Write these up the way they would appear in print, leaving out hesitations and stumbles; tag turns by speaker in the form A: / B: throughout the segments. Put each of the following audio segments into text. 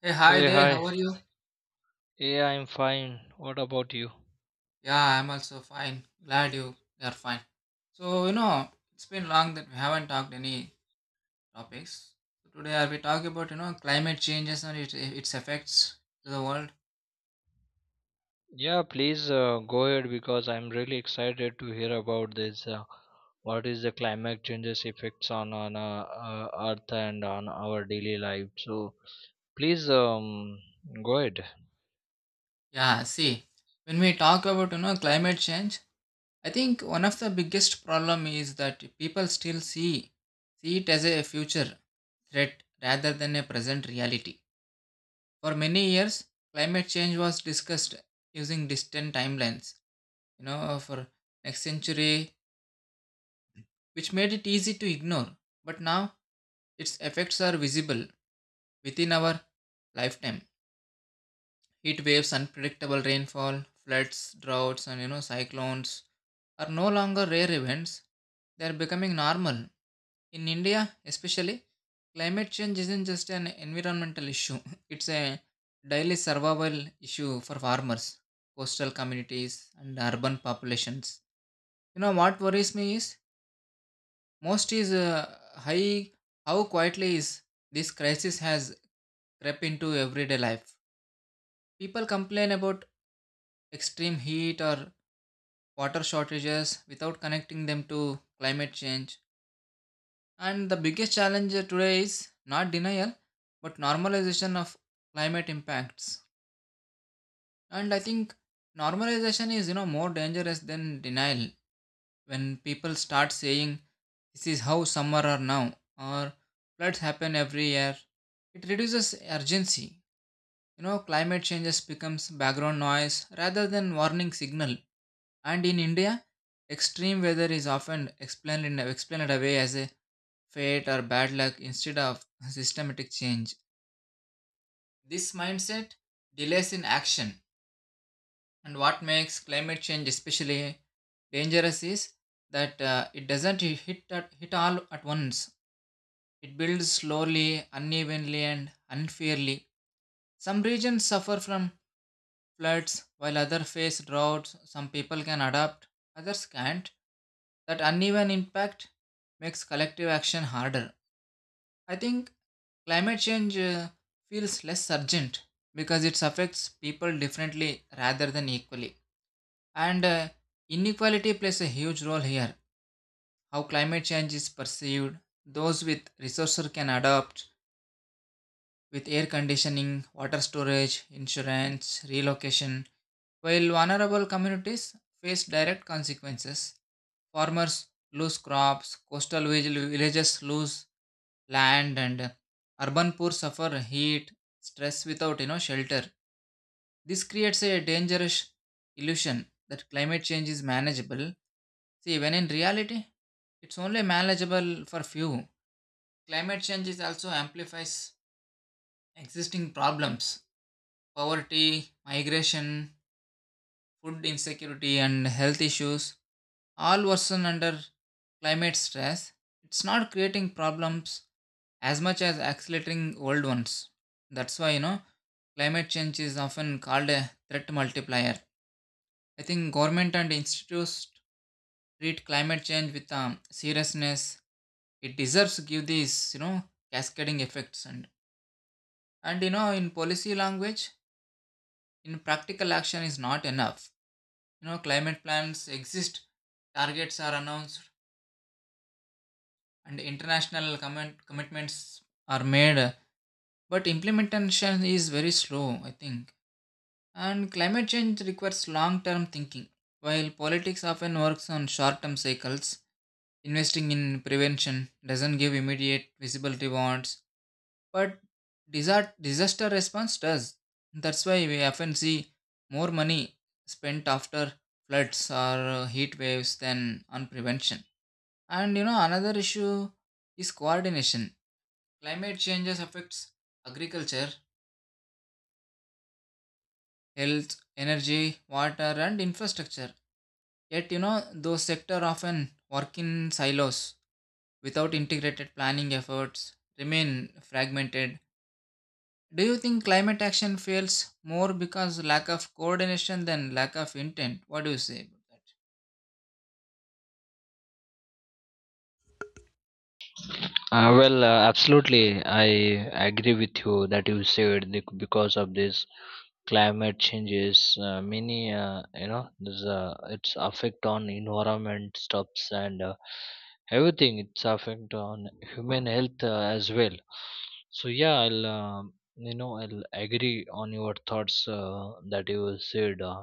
A: Hey, hi
B: Hey,
A: there. How
B: hi.
A: are you?
B: Yeah, I'm fine. What about you?
A: Yeah, I'm also fine. Glad you are fine. So, it's been long that we haven't talked any topics. So today I'll be talking about, climate changes and its effects to the world.
B: Yeah, please go ahead because I'm really excited to hear about this. What is the climate changes effects on Earth and on our daily life? So please go ahead.
A: Yeah, see, when we talk about, climate change, I think one of the biggest problem is that people still see it as a future threat rather than a present reality. For many years, climate change was discussed using distant timelines for next century, which made it easy to ignore. But now its effects are visible within our lifetime: heat waves, unpredictable rainfall, floods, droughts, and cyclones are no longer rare events. They are becoming normal. In India especially, climate change isn't just an environmental issue it's a daily survival issue for farmers, coastal communities, and urban populations. You know what worries me is Most is high how quietly is this crisis has crept into everyday life. People complain about extreme heat or water shortages without connecting them to climate change. And the biggest challenge today is not denial but normalization of climate impacts. And I think normalization is more dangerous than denial. When people start saying this is how summer are now, or floods happen every year, it reduces urgency. Climate changes becomes background noise rather than warning signal. And in India, extreme weather is often explained away as a fate or bad luck instead of systematic change. This mindset delays in action. And what makes climate change especially dangerous is that it doesn't hit all at once. It builds slowly, unevenly, and unfairly. Some regions suffer from floods, while others face droughts. Some people can adapt, others can't. That uneven impact makes collective action harder. I think climate change feels less urgent because it affects people differently rather than equally. And inequality plays a huge role here. How climate change is perceived, those with resources can adapt with air conditioning, water storage, insurance, relocation, while vulnerable communities face direct consequences. Farmers lose crops, coastal villages lose land, and urban poor suffer heat, stress without shelter. This creates a dangerous illusion that climate change is manageable. See, when in reality, it's only manageable for few. Climate change is also amplifies existing problems. Poverty, migration, food insecurity, and health issues all worsen under climate stress. It's not creating problems as much as accelerating old ones. That's why, climate change is often called a threat multiplier. I think government and institutes treat climate change with seriousness. It deserves to give these, cascading effects. And in policy language, in practical action is not enough. You know, climate plans exist, targets are announced, and international commitments are made, but implementation is very slow. I think, and climate change requires long-term thinking, while politics often works on short-term cycles. Investing in prevention doesn't give immediate visible rewards, but disaster response does. That's why we often see more money spent after floods or heat waves than on prevention. And another issue is coordination. Climate changes affects agriculture, health, energy, water, and infrastructure. Yet, those sectors often work in silos without integrated planning efforts remain fragmented. Do you think climate action fails more because lack of coordination than lack of intent? What do you say about that?
B: Well, absolutely, I agree with you that you said because of this climate changes, many you know there's its affect on environment stops, and everything it's affect on human health as well. So yeah, I'll agree on your thoughts, that you said,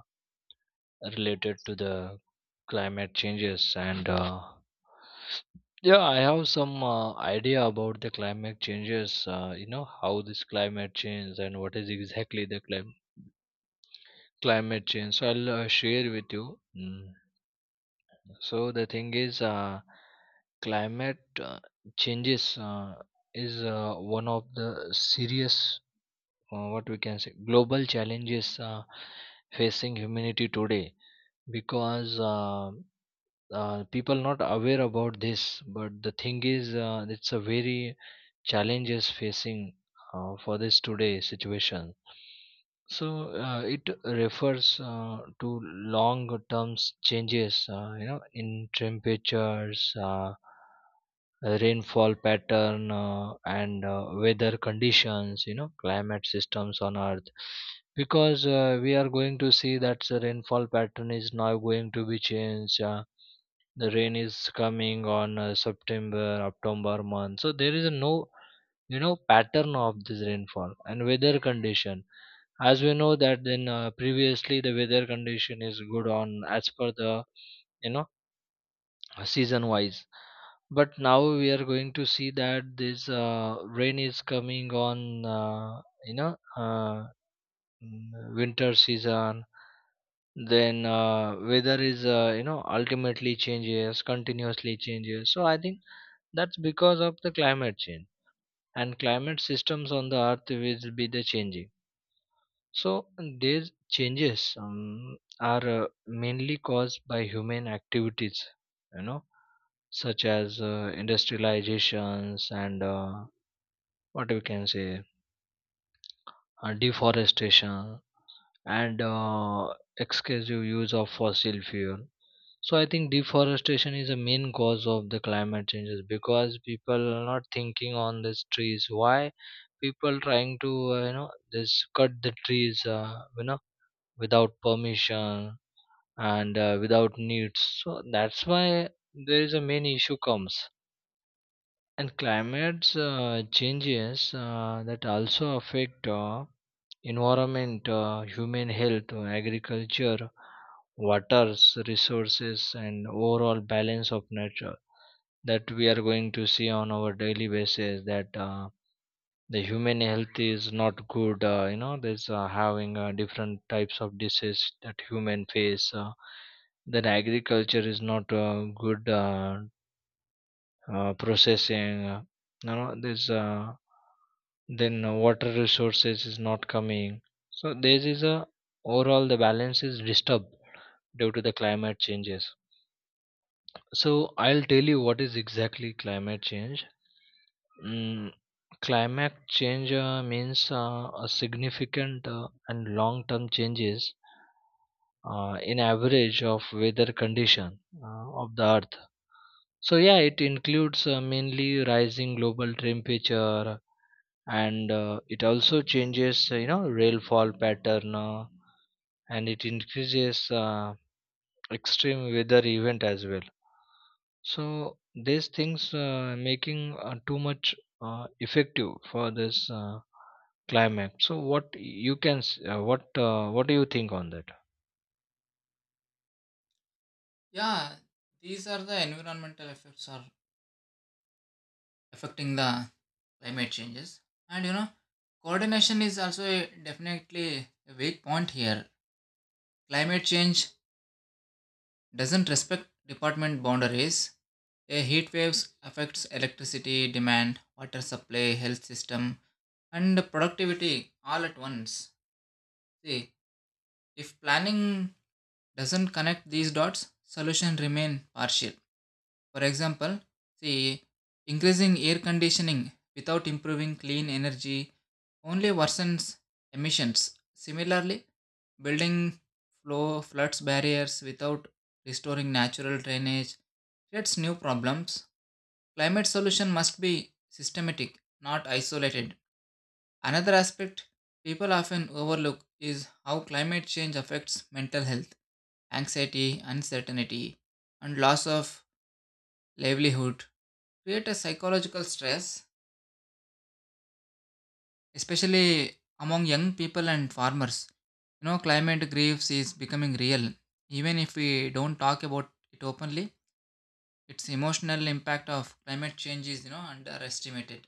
B: related to the climate changes. And yeah, I have some idea about the climate changes. You know how this climate change and what is exactly the climate change, so I'll share with you. Mm. So the thing is, climate uh, changes is one of the serious, what we can say, global challenges facing humanity today, because people not aware about this. But the thing is, it's a very challenges facing for this today situation. So it refers to long term changes, you know, in temperatures, rainfall pattern, and weather conditions, you know, climate systems on Earth, because we are going to see that the rainfall pattern is now going to be changed. The rain is coming on September, October month, so there is no, you know, pattern of this rainfall and weather condition. As we know that, then previously the weather condition is good on as per the, you know, season wise. But now we are going to see that this rain is coming on uh, you know uh, winter season. Then weather is, you know, ultimately changes, continuously changes. So I think that's because of the climate change, and climate systems on the Earth will be the changing. So these changes are mainly caused by human activities, you know, such as industrializations and what we can say, deforestation, and excessive use of fossil fuel. So I think deforestation is a main cause of the climate changes, because people are not thinking on these trees. Why people trying to, you know, this cut the trees, you know, without permission and without needs. So that's why there is a main issue comes, and climate changes that also affect environment, human health, agriculture, waters, resources, and overall balance of nature, that we are going to see on our daily basis, that the human health is not good. You know, there's having different types of disease that human face. That agriculture is not good processing. You know, there's then water resources is not coming. So this is a, overall the balance is disturbed, due to the climate changes. So I'll tell you what is exactly climate change. mm, Climate change means a significant and long term changes in average of weather condition of the Earth. So yeah, it includes mainly rising global temperature, and it also changes, you know, rainfall pattern, and it increases extreme weather event as well. So these things making too much effective for this climate. So what you can s- what do you think on that?
A: Yeah, these are the environmental effects are affecting the climate changes. And coordination is also a, definitely a weak point here. Climate change doesn't respect department boundaries. A heat waves affects electricity demand, water supply, health system, and productivity all at once. See, if planning doesn't connect these dots, solution remain partial. For example, see, increasing air conditioning without improving clean energy only worsens emissions. Similarly, building flow floods barriers without restoring natural drainage creates new problems. Climate solution must be systematic, not isolated. Another aspect people often overlook is how climate change affects mental health. Anxiety, uncertainty, and loss of livelihood create a psychological stress, especially among young people and farmers. You know, climate grief is becoming real. Even if we don't talk about it openly, its emotional impact of climate change is, underestimated.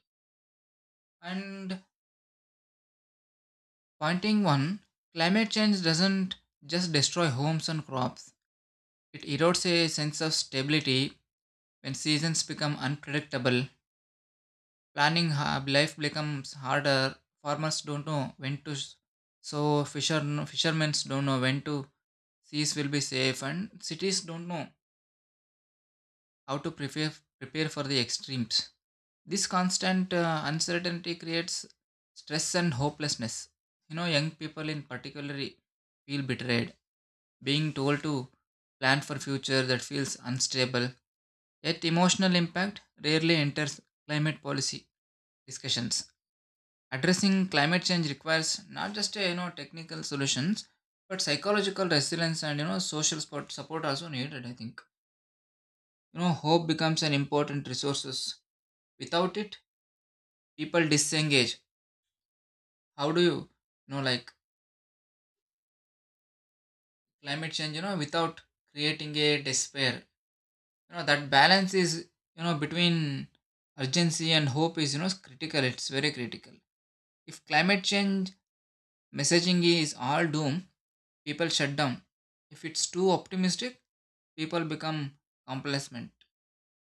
A: And pointing one, climate change doesn't just destroy homes and crops. It erodes a sense of stability when seasons become unpredictable. Planning life becomes harder. Farmers don't know when to sow. Fishermen don't know when to seas will be safe, and cities don't know how to prepare for the extremes. This constant uncertainty creates stress and hopelessness. You know, young people in particular feel betrayed, being told to plan for future that feels unstable. Yet, emotional impact rarely enters climate policy discussions. Addressing climate change requires not just a, technical solutions, but psychological resilience and social support, support also needed. I think hope becomes an important resources. Without it, people disengage. How do you, you know like climate change? You know, without creating a despair. You know that balance is between urgency and hope is critical. It's very critical. If climate change messaging is all doom, people shut down. If it's too optimistic, people become complacent.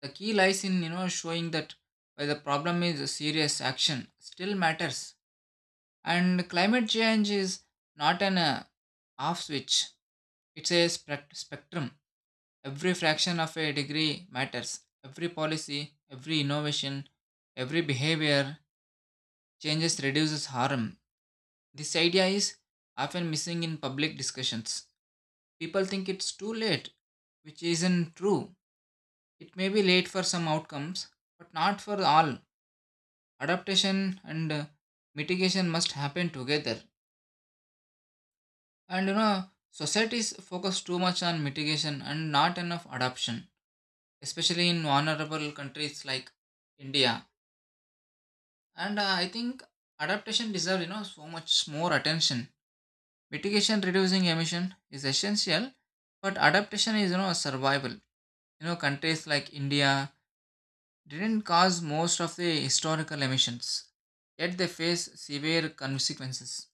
A: The key lies in showing that where the problem is serious action still matters. And climate change is not an off switch. It's a spectrum. Every fraction of a degree matters. Every policy, every innovation, every behavior changes reduces harm. This idea is often missing in public discussions. People think it's too late, which isn't true. It may be late for some outcomes, but not for all. Adaptation and mitigation must happen together. And societies focus too much on mitigation and not enough adaptation, especially in vulnerable countries like India. And I think adaptation deserves so much more attention. Mitigation reducing emission is essential, but adaptation is survival. You know, countries like India didn't cause most of the historical emissions, yet they face severe consequences.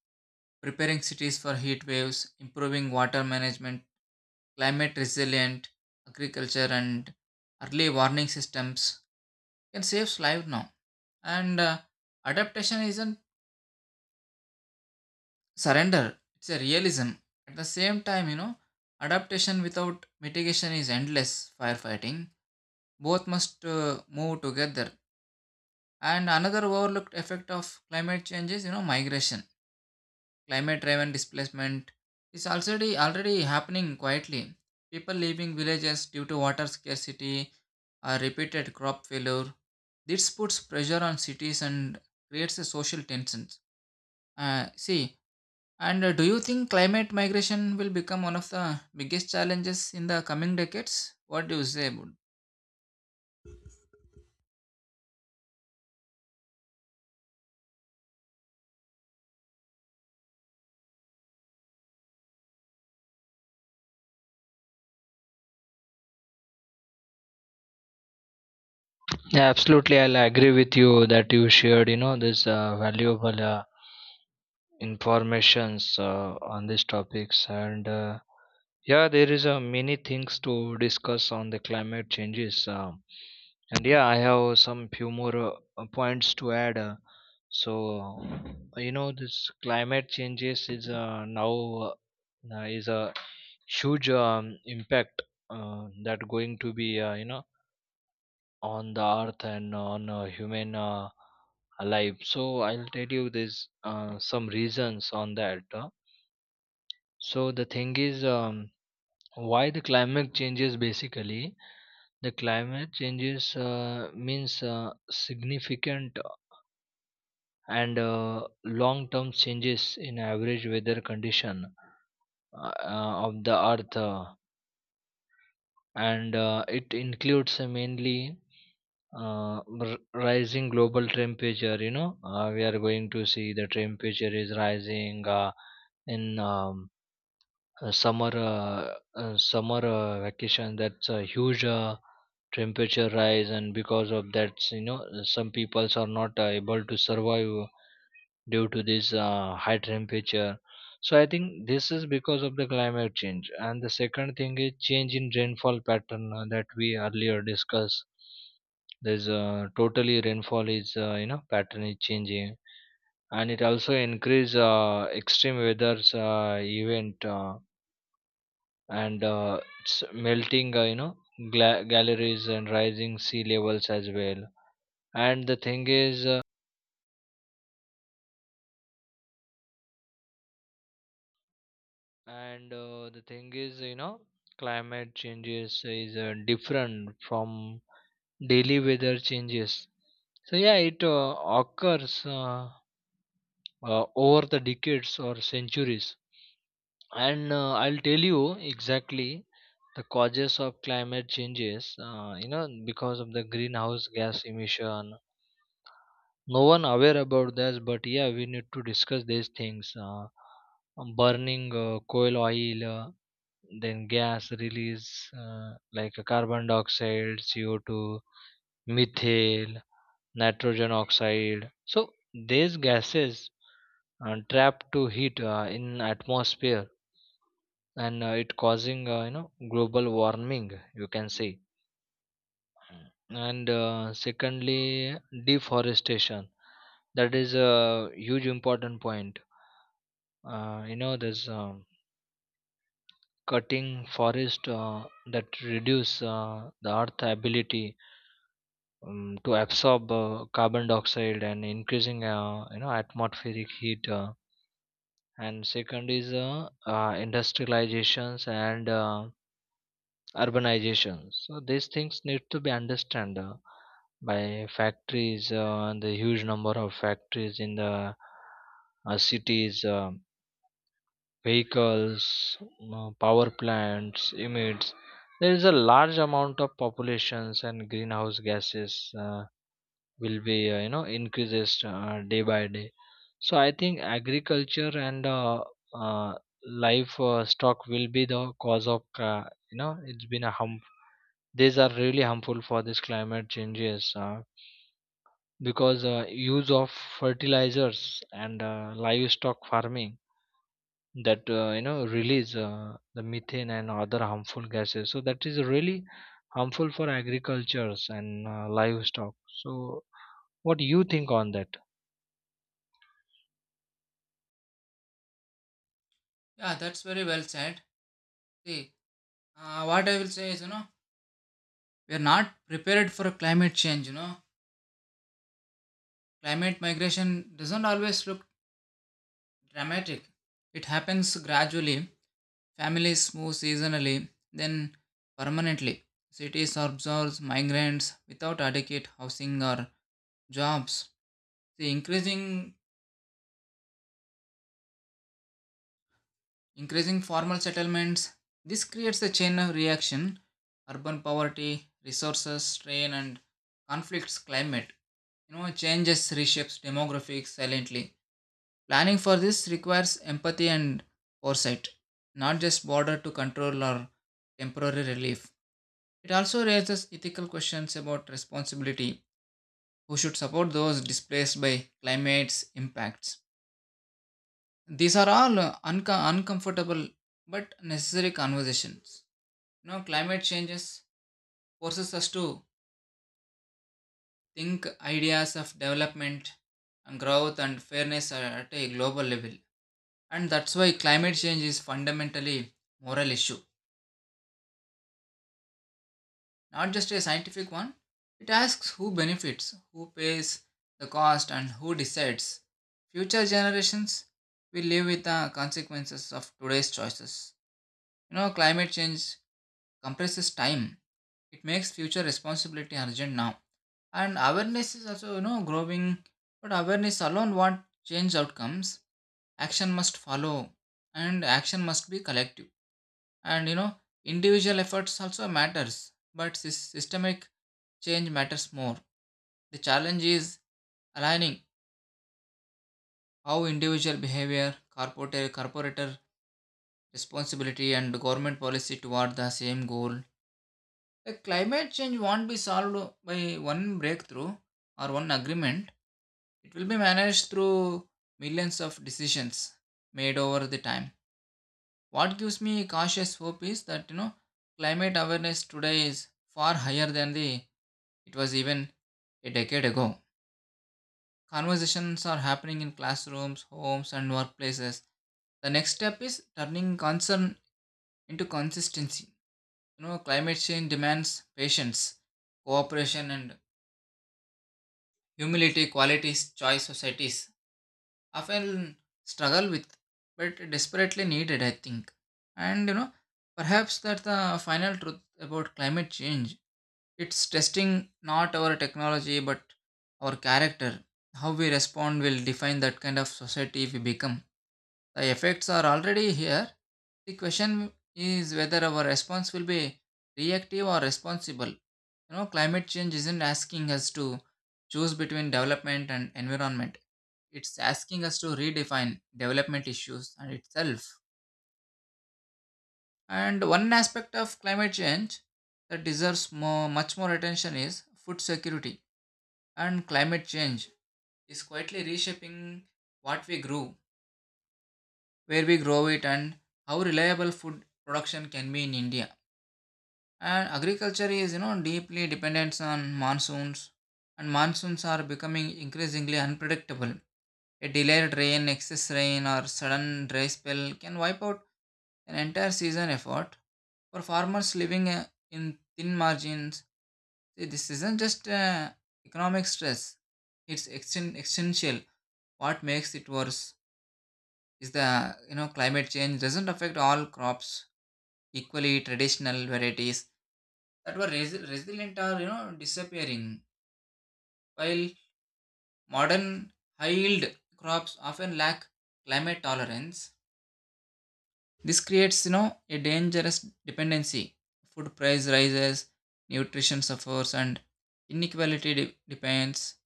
A: Preparing cities for heat waves, improving water management, climate resilient agriculture, and early warning systems can save lives now. And adaptation isn't surrender, it's a realism. At the same time, adaptation without mitigation is endless firefighting. Both must move together. And another overlooked effect of climate change is, migration. Climate-driven displacement is already happening quietly. People leaving villages due to water scarcity or repeated crop failure. This puts pressure on cities and creates a social tensions. See, and do you think climate migration will become one of the biggest challenges in the coming decades? What do you say about?
B: Yeah, absolutely, I'll agree with you that you shared, you know, this valuable informations on these topics, and yeah, there is many things to discuss on the climate changes. And yeah, I have some few more points to add. So, you know, this climate changes is, now, is a huge impact that going to be, you know, on the Earth and on human life. So I'll tell you this some reasons on that. So the thing is. Why the climate changes basically? The climate changes means significant and long term changes in average weather condition of the Earth. And it includes mainly rising global temperature. You know, we are going to see the temperature is rising in uh, summer uh, summer vacation. That's a huge temperature rise, and because of that, you know, some peoples are not able to survive due to this high temperature. So I think this is because of the climate change. And the second thing is change in rainfall pattern, that we earlier discussed. There's totally rainfall is, you know, pattern is changing. And it also increase extreme weather's event, and it's melting, you know, galleries and rising sea levels as well. And the thing is uh, and uh, the thing is, you know, climate changes is different from daily weather changes. So yeah, it occurs over the decades or centuries. And I'll tell you exactly the causes of climate changes. You know, because of the greenhouse gas emission. No one aware about this, but yeah, we need to discuss these things. Burning coal, oil, then gas release, like a carbon dioxide, CO2, methane, nitrogen oxide. So these gases trapped to heat in atmosphere, and it causing, you know, global warming, you can say. And secondly, deforestation, that is a huge important point. You know, there's cutting forest that reduce the Earth ability to absorb carbon dioxide and increasing, you know, atmospheric heat. Uh, and second is industrializations and urbanization. So these things need to be understood by factories. The huge number of factories in the cities, vehicles, power plants emits. There is a large amount of populations and greenhouse gases will be, you know, increases day by day. So I think agriculture and uh, life stock will be the cause of, you know, it's been a harm. These are really harmful for this climate changes, because use of fertilizers and livestock farming, that, you know, release the methane and other harmful gases. So that is really harmful for agricultures and livestock. So what do you think on that?
A: Yeah, that's very well said. See, what I will say is, we are not prepared for climate change. You know, climate migration doesn't always look dramatic. It happens gradually. Families move seasonally, then permanently. Cities absorb migrants without adequate housing or jobs. The increasing formal settlements. This creates a chain of reaction: urban poverty, resources strain, and conflicts. Climate changes reshapes demographics silently. Planning for this requires empathy and foresight, not just border to control or temporary relief. It also raises ethical questions about responsibility, who should support those displaced by climate's impacts. These are all uncomfortable but necessary conversations. You know, climate changes forces us to think ideas of development and growth and fairness are at a global level. And that's why climate change is fundamentally moral issue, not just a scientific one. It asks who benefits, who pays the cost, and who decides. Future generations will live with the consequences of today's choices. You know, climate change compresses time, it makes future responsibility urgent now. And awareness is also, growing, but awareness alone won't change outcomes. Action must follow, and action must be collective. And individual efforts also matters, but systemic change matters more. The challenge is aligning how individual behavior, corporate corporator responsibility, and government policy toward the same goal. The climate change won't be solved by one breakthrough or one agreement. It will be managed through millions of decisions made over the time. What gives me cautious hope is that climate awareness today is far higher than the it was even a decade ago. Conversations are happening in classrooms, homes, and workplaces. The next step is turning concern into consistency. You know, climate change demands patience, cooperation, and humility qualities choice societies often struggle with, but desperately needed, I think. And perhaps that's the final truth about climate change. It's testing not our technology but our character. How we respond will define that kind of society we become. The effects are already here. The question is whether our response will be reactive or responsible. You know, climate change isn't asking us to choose between development and environment. It's asking us to redefine development issues and itself. And one aspect of climate change that deserves much more attention is food security. And climate change is quietly reshaping what we grow, where we grow it, and how reliable food production can be in India. And agriculture is, deeply dependent on monsoons, and monsoons are becoming increasingly unpredictable. A delayed rain, excess rain, or sudden dry spell can wipe out an entire season effort. For farmers living in thin margins, see, this isn't just economic stress; it's existential. What makes it worse? Is the climate change doesn't affect all crops equally. Traditional varieties that were resilient are disappearing, while modern high yield crops often lack climate tolerance. This creates a dangerous dependency. Food price rises, nutrition suffers, and inequality depends.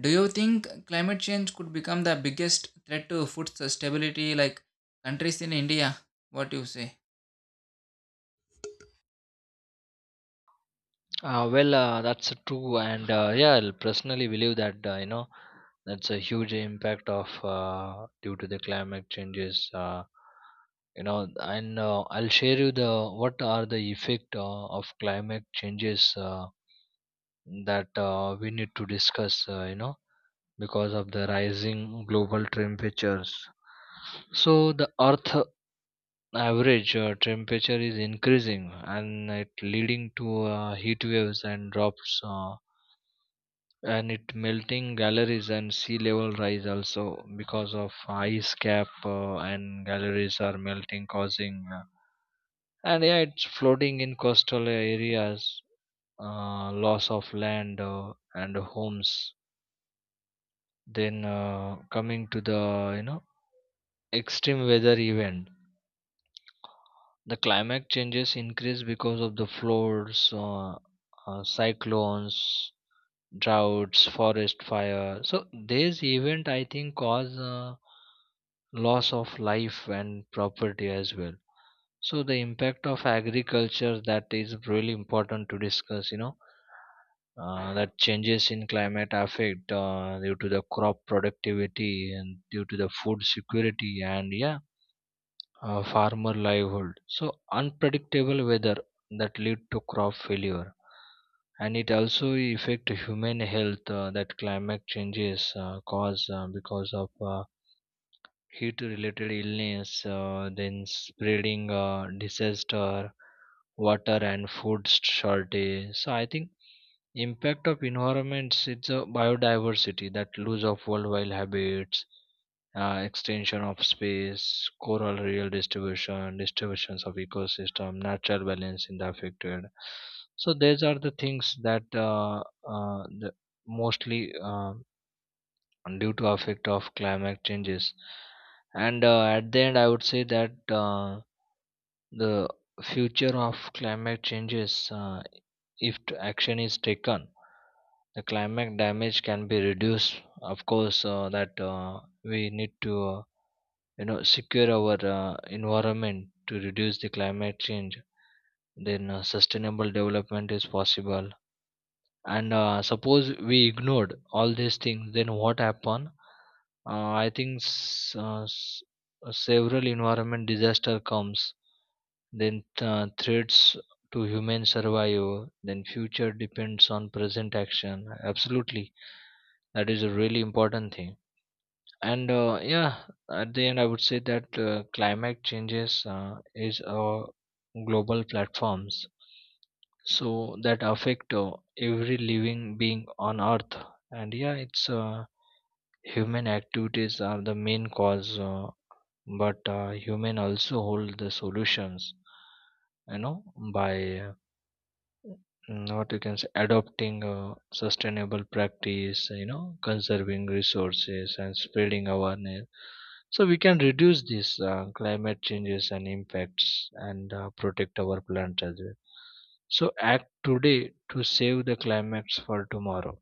A: Do you think climate change could become the biggest threat to food stability like countries in India? What do you say?
B: Well, that's true, and yeah, I'll personally believe that, you know, that's a huge impact of, due to the climate changes. You know, and I'll share you the what are the effect of climate changes that we need to discuss. You know, because of the rising global temperatures. So the Earth average temperature is increasing, and it leading to heat waves and drops. And it melting galleries and sea level rise also, because of ice cap, and galleries are melting causing, and yeah, it's flooding in coastal areas, loss of land and homes. Then coming to the, you know, extreme weather event, the climate changes increase because of the floods, cyclones, droughts, forest fire. So these event I think cause loss of life and property as well. So the impact of agriculture, that is really important to discuss. You know, that changes in climate affect due to the crop productivity and due to the food security and yeah, farmer livelihood. So unpredictable weather that lead to crop failure, and it also affect human health. That climate changes cause because of heat-related illness, then spreading disaster, water and food shortage. So I think impact of environments, it's a biodiversity that lose of worldwide habits, extension of space, coral real distribution, distributions of ecosystem, natural balance in the affected. So these are the things that the mostly, due to effect of climate changes. And at the end, I would say that. The future of climate changes, if action is taken, the climate damage can be reduced, of course. That we need to, you know, secure our environment to reduce the climate change. Then sustainable development is possible, and suppose we ignored all these things, then what happen? I think several environment disaster comes. Then threats to human survival, then future depends on present action, absolutely. That is a really important thing. And yeah, at the end I would say that, climate changes is a global platforms, so that affect every living being on Earth. And yeah, it's, human activities are the main cause, but human also hold the solutions, you know, by uh, what you can say, adopting a sustainable practice, you know, conserving resources and spreading awareness. So we can reduce these climate changes and impacts, and protect our planet as well. So act today to save the climates for tomorrow.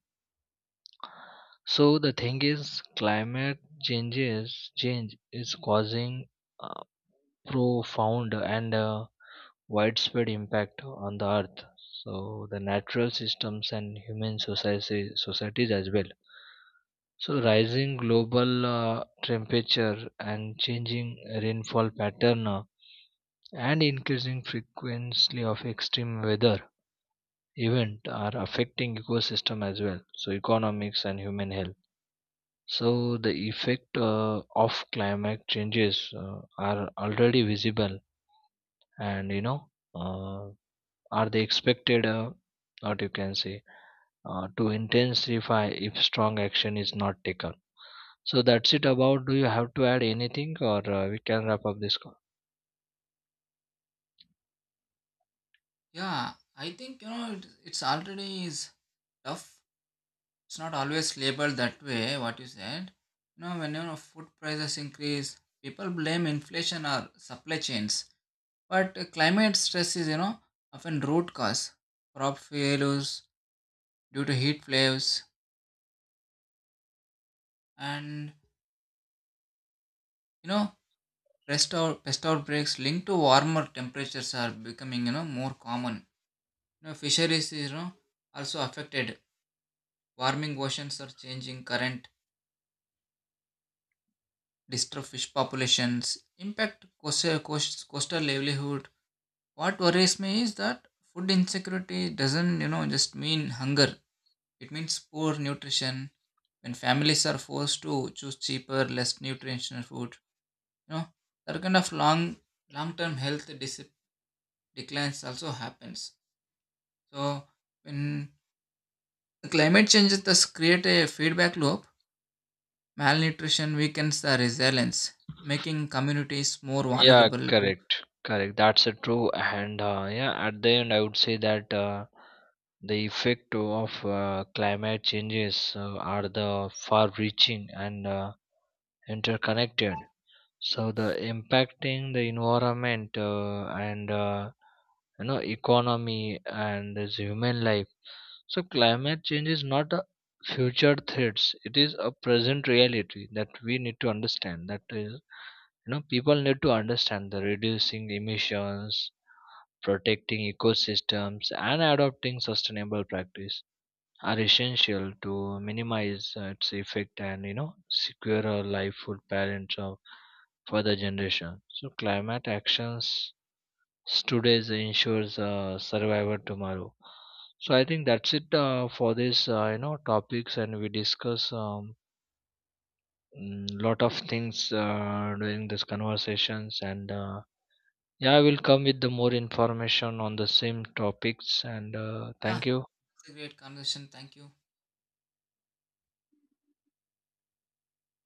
B: So the thing is climate change is causing uh, profound and widespread impact on the Earth. So the natural systems and human societies as well. So rising global temperature and changing rainfall pattern, and increasing frequency of extreme weather event are affecting ecosystem as well, so economics and human health. So the effect of climate changes are already visible, and you know, uh, are they expected, what you can say, to intensify if strong action is not taken. So that's it about, do you have to add anything, or we can wrap up this call?
A: Yeah, I think it's already is tough. It's not always labeled that way. What you said, when food prices increase, people blame inflation or supply chains, but climate stress is often root cause. Crop failures due to heat waves and you know pest outbreaks linked to warmer temperatures are becoming more common. You know, fisheries is also affected. Warming oceans are changing current disturb fish populations, impact coastal livelihood. What worries me is that food insecurity doesn't, just mean hunger. It means poor nutrition. When families are forced to choose cheaper, less nutritional food, you know, that kind of long-term health declines also happens. So when the climate changes, does create a feedback loop. Malnutrition weakens the resilience, making communities more
B: Yeah,
A: vulnerable to—
B: correct, correct, that's a true. And yeah, at the end I would say that, the effect of climate changes are the far reaching and interconnected. So the impacting the environment, and you know, economy and this human life. So climate change is not a future threats. It is a present reality that we need to understand. That is, you know, people need to understand the reducing emissions, protecting ecosystems, and adopting sustainable practice are essential to minimize its effect, and you know, secure a life for parents of further generation. So climate actions today ensures survival tomorrow. So I think that's it for this, you know, topics, and we discuss lot of things during these conversations. And yeah, I will come with the more information on the same topics. And
A: yeah,
B: thank you.
A: it's a great conversation. Thank you.